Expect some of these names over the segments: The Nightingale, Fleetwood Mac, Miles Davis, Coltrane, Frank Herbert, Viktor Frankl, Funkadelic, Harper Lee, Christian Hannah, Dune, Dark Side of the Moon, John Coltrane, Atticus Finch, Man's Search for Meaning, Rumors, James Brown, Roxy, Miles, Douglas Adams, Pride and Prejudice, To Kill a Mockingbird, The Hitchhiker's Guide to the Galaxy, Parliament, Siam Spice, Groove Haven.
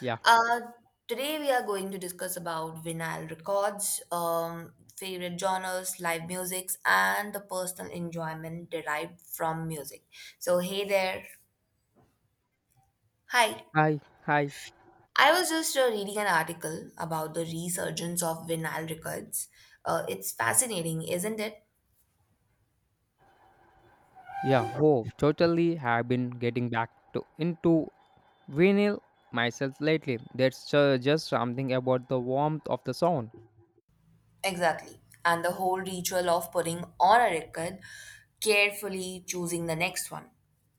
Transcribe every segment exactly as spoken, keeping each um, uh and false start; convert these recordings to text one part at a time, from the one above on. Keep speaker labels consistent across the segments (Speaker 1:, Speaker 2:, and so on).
Speaker 1: Yeah.
Speaker 2: Uh, Today we are going to discuss about vinyl records, um, favorite genres, live musics, and the personal enjoyment derived from music. So, hey there. Hi.
Speaker 1: Hi. Hi.
Speaker 2: I was just uh, reading an article about the resurgence of vinyl records. Uh, it's fascinating, isn't it?
Speaker 1: Yeah. Oh, totally. Have been getting back to into vinyl myself lately. That's uh, just something about the warmth of the sound.
Speaker 2: Exactly. And the whole ritual of putting on a record, carefully choosing the next one.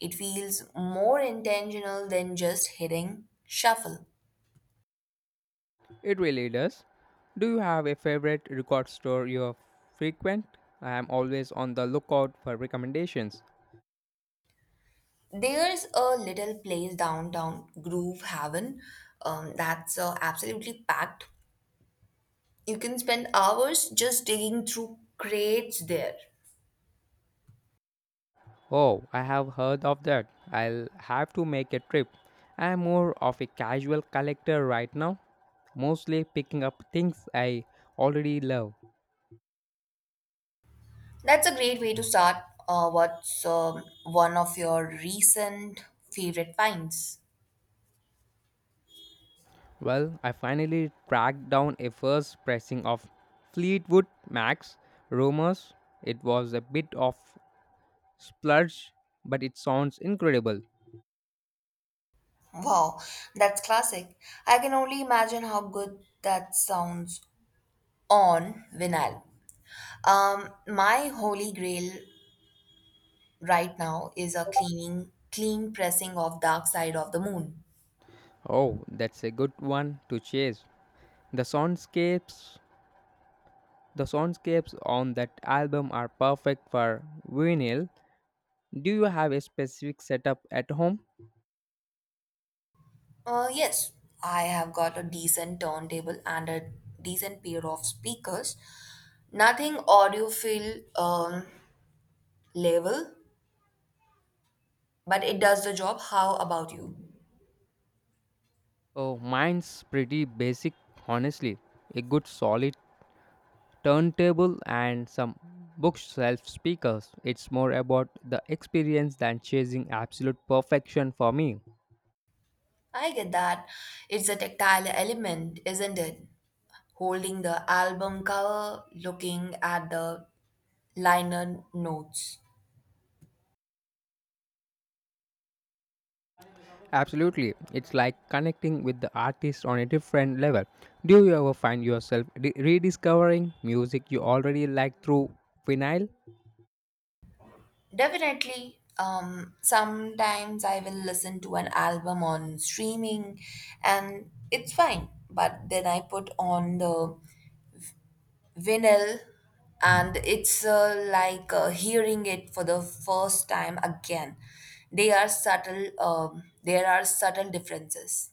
Speaker 2: It feels more intentional than just hitting shuffle.
Speaker 1: It really does. Do you have a favorite record store you frequent? I am always on the lookout for recommendations.
Speaker 2: There's a little place downtown, Groove Haven, um, that's uh, absolutely packed. You can spend hours just digging through crates there.
Speaker 1: Oh, I have heard of that. I'll have to make a trip. I am more of a casual collector right now, mostly picking up things I already love.
Speaker 2: That's a great way to start. Uh, what's um, one of your recent favorite finds?
Speaker 1: Well, I finally tracked down a first pressing of Fleetwood Mac's Rumors. It was a bit of splurge, but it sounds incredible.
Speaker 2: Wow, that's classic. I can only imagine how good that sounds on vinyl. Um, my holy grail right now is a cleaning, clean pressing of Dark Side of the Moon.
Speaker 1: Oh, that's a good one to chase. The soundscapes, the soundscapes on that album are perfect for vinyl. Do you have a specific setup at home?
Speaker 2: Uh, yes, I have got a decent turntable and a decent pair of speakers. Nothing audiophile um, level, but it does the job. How about you?
Speaker 1: Oh, mine's pretty basic, honestly. A good solid turntable and some bookshelf speakers. It's more about the experience than chasing absolute perfection for me.
Speaker 2: I get that. It's a tactile element, isn't it? Holding the album cover, looking at the liner notes.
Speaker 1: Absolutely, it's like connecting with the artist on a different level. Do you ever find yourself re- rediscovering music you already like through vinyl?
Speaker 2: Definitely. Um, sometimes I will listen to an album on streaming and it's fine. But then I put on the vinyl and it's uh, like uh, hearing it for the first time again. They are subtle, um, there are subtle differences.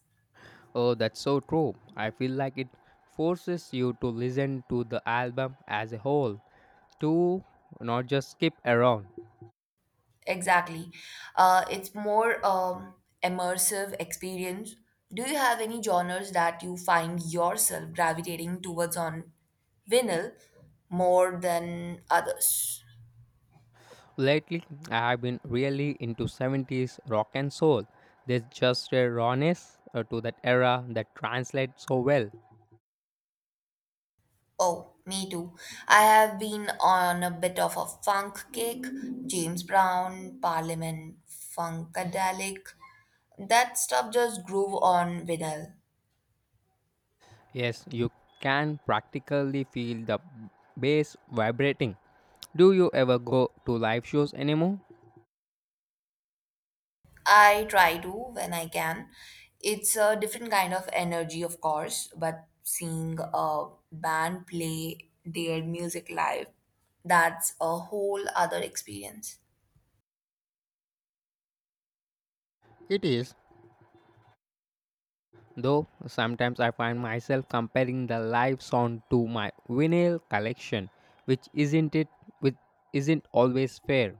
Speaker 1: Oh, that's so true. I feel like it forces you to listen to the album as a whole, to not just skip around.
Speaker 2: Exactly. Uh, it's more um, immersive experience. Do you have any genres that you find yourself gravitating towards on vinyl more than others?
Speaker 1: Lately, I have been really into seventies rock and soul. There's just a rawness uh, to that era that translates so well.
Speaker 2: Oh, me too. I have been on a bit of a funk kick. James Brown, Parliament, Funkadelic. That stuff just grew on vinyl.
Speaker 1: Yes, you can practically feel the bass vibrating. Do you ever go to live shows anymore?
Speaker 2: I try to when I can. It's a different kind of energy, of course, but seeing a band play their music live, that's a whole other experience.
Speaker 1: It is, though sometimes I find myself comparing the live sound to my vinyl collection, which isn't it with isn't always fair.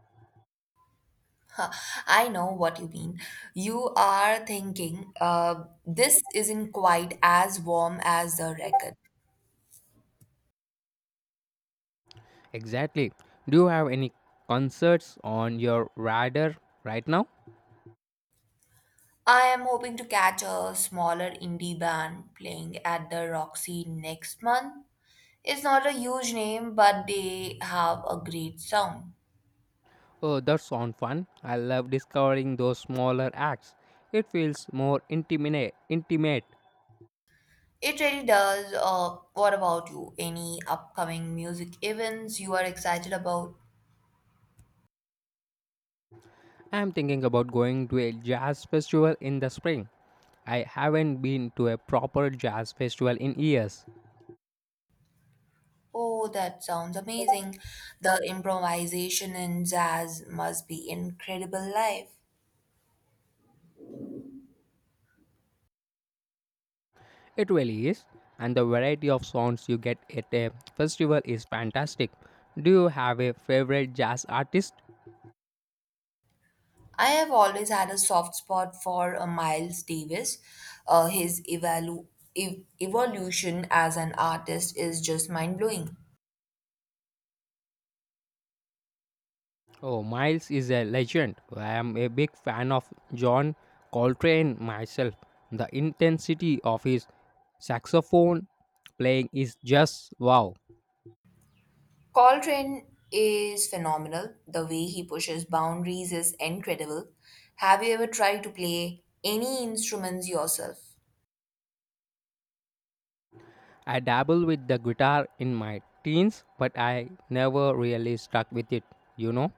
Speaker 2: Huh, I know what you mean. You are thinking, uh, this isn't quite as warm as the record.
Speaker 1: Exactly. Do you have any concerts on your radar right now?
Speaker 2: I am hoping to catch a smaller indie band playing at the Roxy next month. It's not a huge name, but they have a great sound.
Speaker 1: Oh, that sounds fun. I love discovering those smaller acts. It feels more intimate. Intimate.
Speaker 2: It really does. Uh, what about you? Any upcoming music events you are excited about?
Speaker 1: I'm thinking about going to a jazz festival in the spring. I haven't been to a proper jazz festival in years.
Speaker 2: Oh, that sounds amazing. The improvisation in jazz must be incredible live.
Speaker 1: It really is, and the variety of sounds you get at a festival is fantastic. Do you have a favorite jazz artist?
Speaker 2: I have always had a soft spot for uh, Miles Davis. Uh, his evalu- ev- Evolution as an artist is just mind blowing.
Speaker 1: Oh, Miles is a legend. I am a big fan of John Coltrane myself. The intensity of his saxophone playing is just wow.
Speaker 2: Coltrane is phenomenal. The way he pushes boundaries is incredible. Have you ever tried to play any instruments yourself?
Speaker 1: I dabbled with the guitar in my teens, but I never really stuck with it, you know.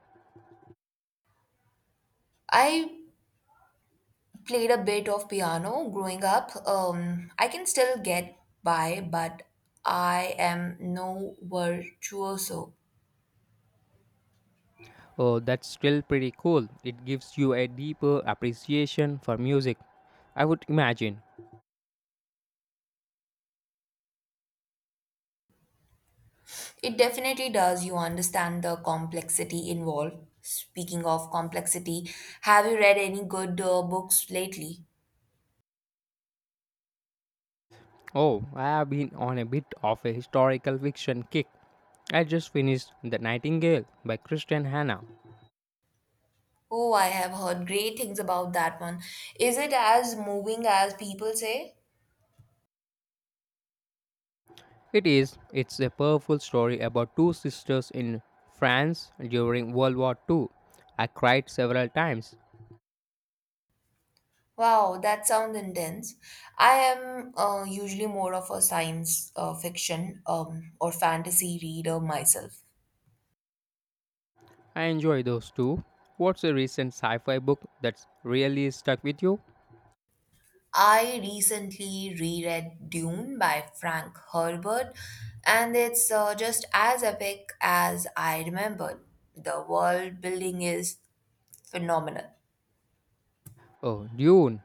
Speaker 2: I played a bit of piano growing up. Um, I can still get by, but I am no virtuoso.
Speaker 1: Oh, that's still pretty cool. It gives you a deeper appreciation for music, I would imagine.
Speaker 2: It definitely does. You understand the complexity involved. Speaking of complexity, have you read any good uh, books lately?
Speaker 1: Oh, I have been on a bit of a historical fiction kick. I just finished The Nightingale by Christian Hannah.
Speaker 2: Oh, I have heard great things about that one. Is it as moving as people say?
Speaker 1: It is it's a powerful story about two sisters in France during World War two. I cried several times.
Speaker 2: Wow, that sounds intense. I am uh, usually more of a science uh, fiction um, or fantasy reader myself.
Speaker 1: I enjoy those too. What's a recent sci-fi book that's really stuck with you?
Speaker 2: I recently reread Dune by Frank Herbert, and it's uh, just as epic as I remembered. The world building is phenomenal.
Speaker 1: Oh, Dune.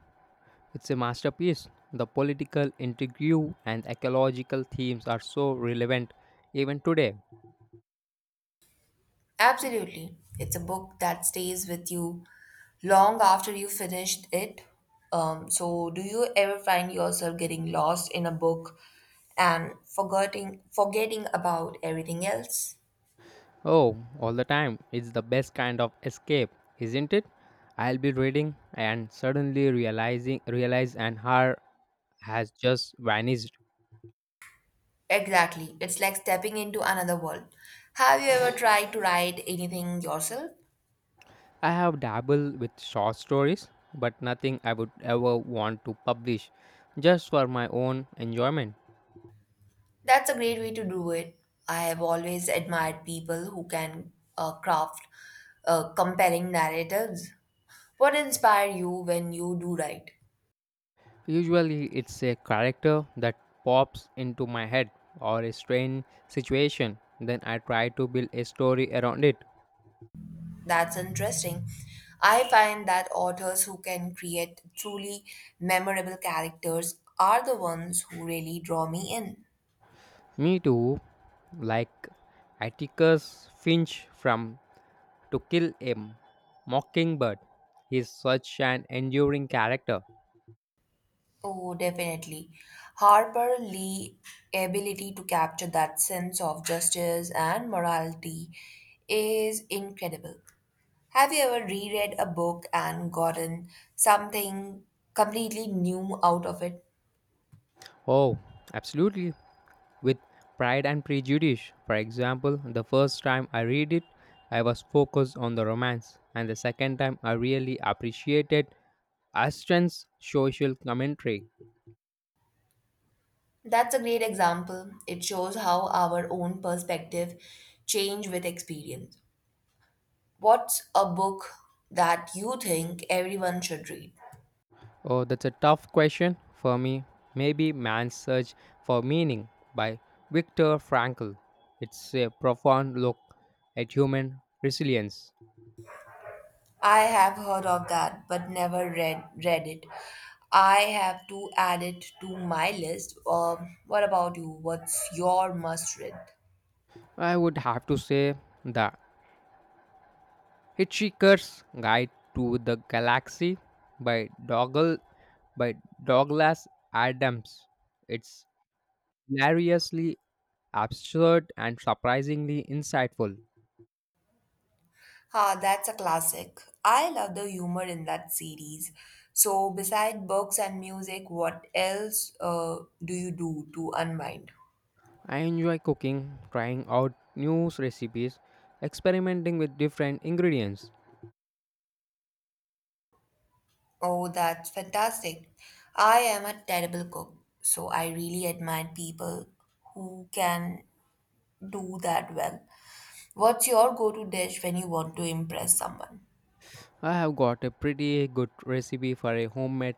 Speaker 1: It's a masterpiece. The political intrigue and ecological themes are so relevant even today.
Speaker 2: Absolutely. It's a book that stays with you long after you finished it. Um, so, do you ever find yourself getting lost in a book and forgetting, forgetting about everything else?
Speaker 1: Oh, all the time. It's the best kind of escape, isn't it? I'll be reading and suddenly realizing realize an hour has just vanished.
Speaker 2: Exactly. It's like stepping into another world. Have you ever tried to write anything yourself?
Speaker 1: I have dabbled with short stories, but nothing I would ever want to publish just for my own enjoyment.
Speaker 2: That's a great way to do it. I have always admired people who can uh, craft uh, compelling narratives. What inspires you when you do write?
Speaker 1: Usually it's a character that pops into my head or a strange situation, then I try to build a story around it.
Speaker 2: That's interesting. I find that authors who can create truly memorable characters are the ones who really draw me in.
Speaker 1: Me too, like Atticus Finch from To Kill a Mockingbird. He's such an enduring character.
Speaker 2: Oh, definitely. Harper Lee ability to capture that sense of justice and morality is incredible. Have you ever reread a book and gotten something completely new out of it?
Speaker 1: Oh, absolutely. With Pride and Prejudice, for example, the first time I read it, I was focused on the romance, and the second time I really appreciated Aston's social commentary.
Speaker 2: That's a great example. It shows how our own perspective change with experience. What's a book that you think everyone should read?
Speaker 1: Oh, that's a tough question for me. Maybe Man's Search for Meaning by Viktor Frankl. It's a profound look at human resilience.
Speaker 2: I have heard of that, but never read read it. I have to add it to my list. Um, what about you? What's your must read?
Speaker 1: I would have to say The Hitchhiker's Guide to the Galaxy by Doggle by Douglas Adams. It's hilariously absurd and surprisingly insightful.
Speaker 2: Ah, that's a classic. I love the humor in that series. So, beside books and music, what else uh, do you do to unwind?
Speaker 1: I enjoy cooking, trying out new recipes, experimenting with different ingredients.
Speaker 2: Oh, that's fantastic. I am a terrible cook, so I really admire people who can do that well. What's your go to dish when you want to impress someone?
Speaker 1: I have got a pretty good recipe for a homemade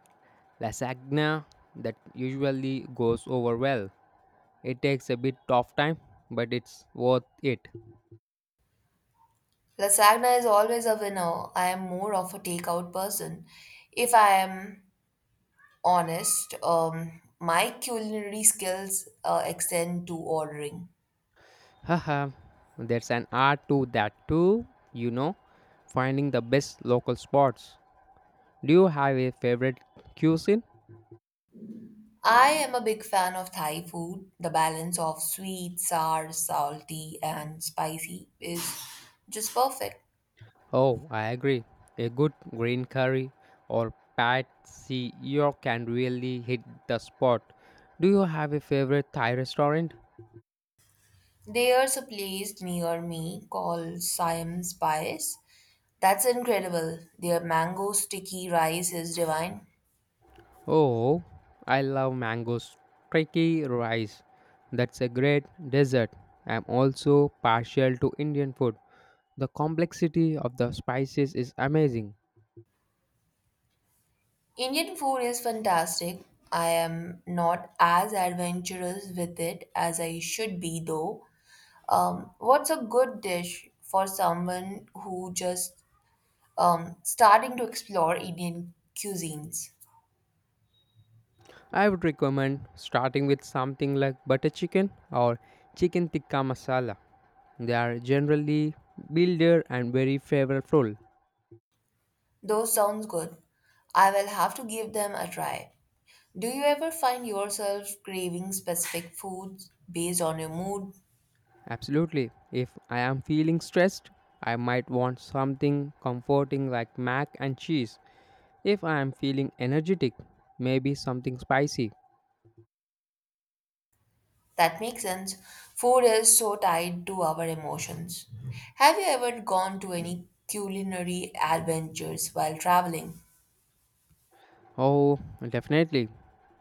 Speaker 1: lasagna that usually goes over well. It takes a bit of time, but it's worth it.
Speaker 2: Lasagna is always a winner. I am more of a takeout person. If I am honest, um, my culinary skills uh, extend to ordering.
Speaker 1: Haha, there's an art to that too, you know, finding the best local spots. Do you have a favorite cuisine?
Speaker 2: I am a big fan of Thai food. The balance of sweet, sour, salty, and spicy is just perfect.
Speaker 1: Oh, I agree. A good green curry or pad see ew can really hit the spot. Do you have a favorite Thai restaurant?
Speaker 2: There's a place near me called Siam Spice. That's incredible. Their mango sticky rice is divine.
Speaker 1: Oh, I love mango sticky rice. That's a great dessert. I'm also partial to Indian food. The complexity of the spices is amazing.
Speaker 2: Indian food is fantastic. I am not as adventurous with it as I should be, though. Um, what's a good dish for someone who just um, starting to explore Indian cuisines?
Speaker 1: I would recommend starting with something like butter chicken or chicken tikka masala. They are generally builder and very flavorful.
Speaker 2: Those sounds good. I will have to give them a try. Do you ever find yourself craving specific foods based on your mood?
Speaker 1: Absolutely. If I am feeling stressed, I might want something comforting like mac and cheese. If I am feeling energetic, maybe something spicy.
Speaker 2: That makes sense. Food is so tied to our emotions. Have you ever gone to any culinary adventures while traveling?
Speaker 1: Oh, definitely.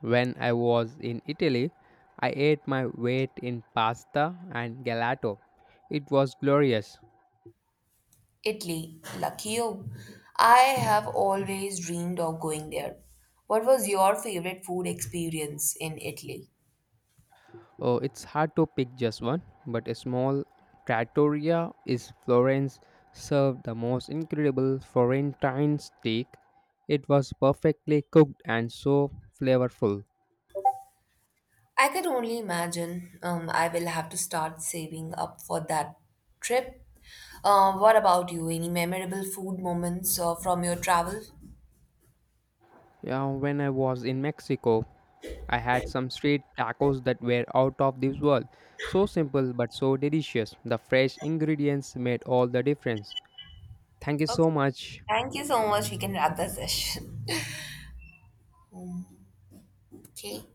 Speaker 1: When I was in Italy, I ate my weight in pasta and gelato. It was glorious.
Speaker 2: Italy, lucky you. I have always dreamed of going there. What was your favorite food experience in Italy?
Speaker 1: Oh, it's hard to pick just one, but a small trattoria is Florence served the most incredible Florentine steak. It was perfectly cooked and so flavorful.
Speaker 2: I can only imagine. Um, I will have to start saving up for that trip. Uh, what about you? Any memorable food moments uh, from your travel?
Speaker 1: Yeah, when I was in Mexico, I had some street tacos that were out of this world. So simple but so delicious. The fresh ingredients made all the difference. Thank you so
Speaker 2: Okay.
Speaker 1: much.
Speaker 2: Thank you so much. We can wrap the session. Okay.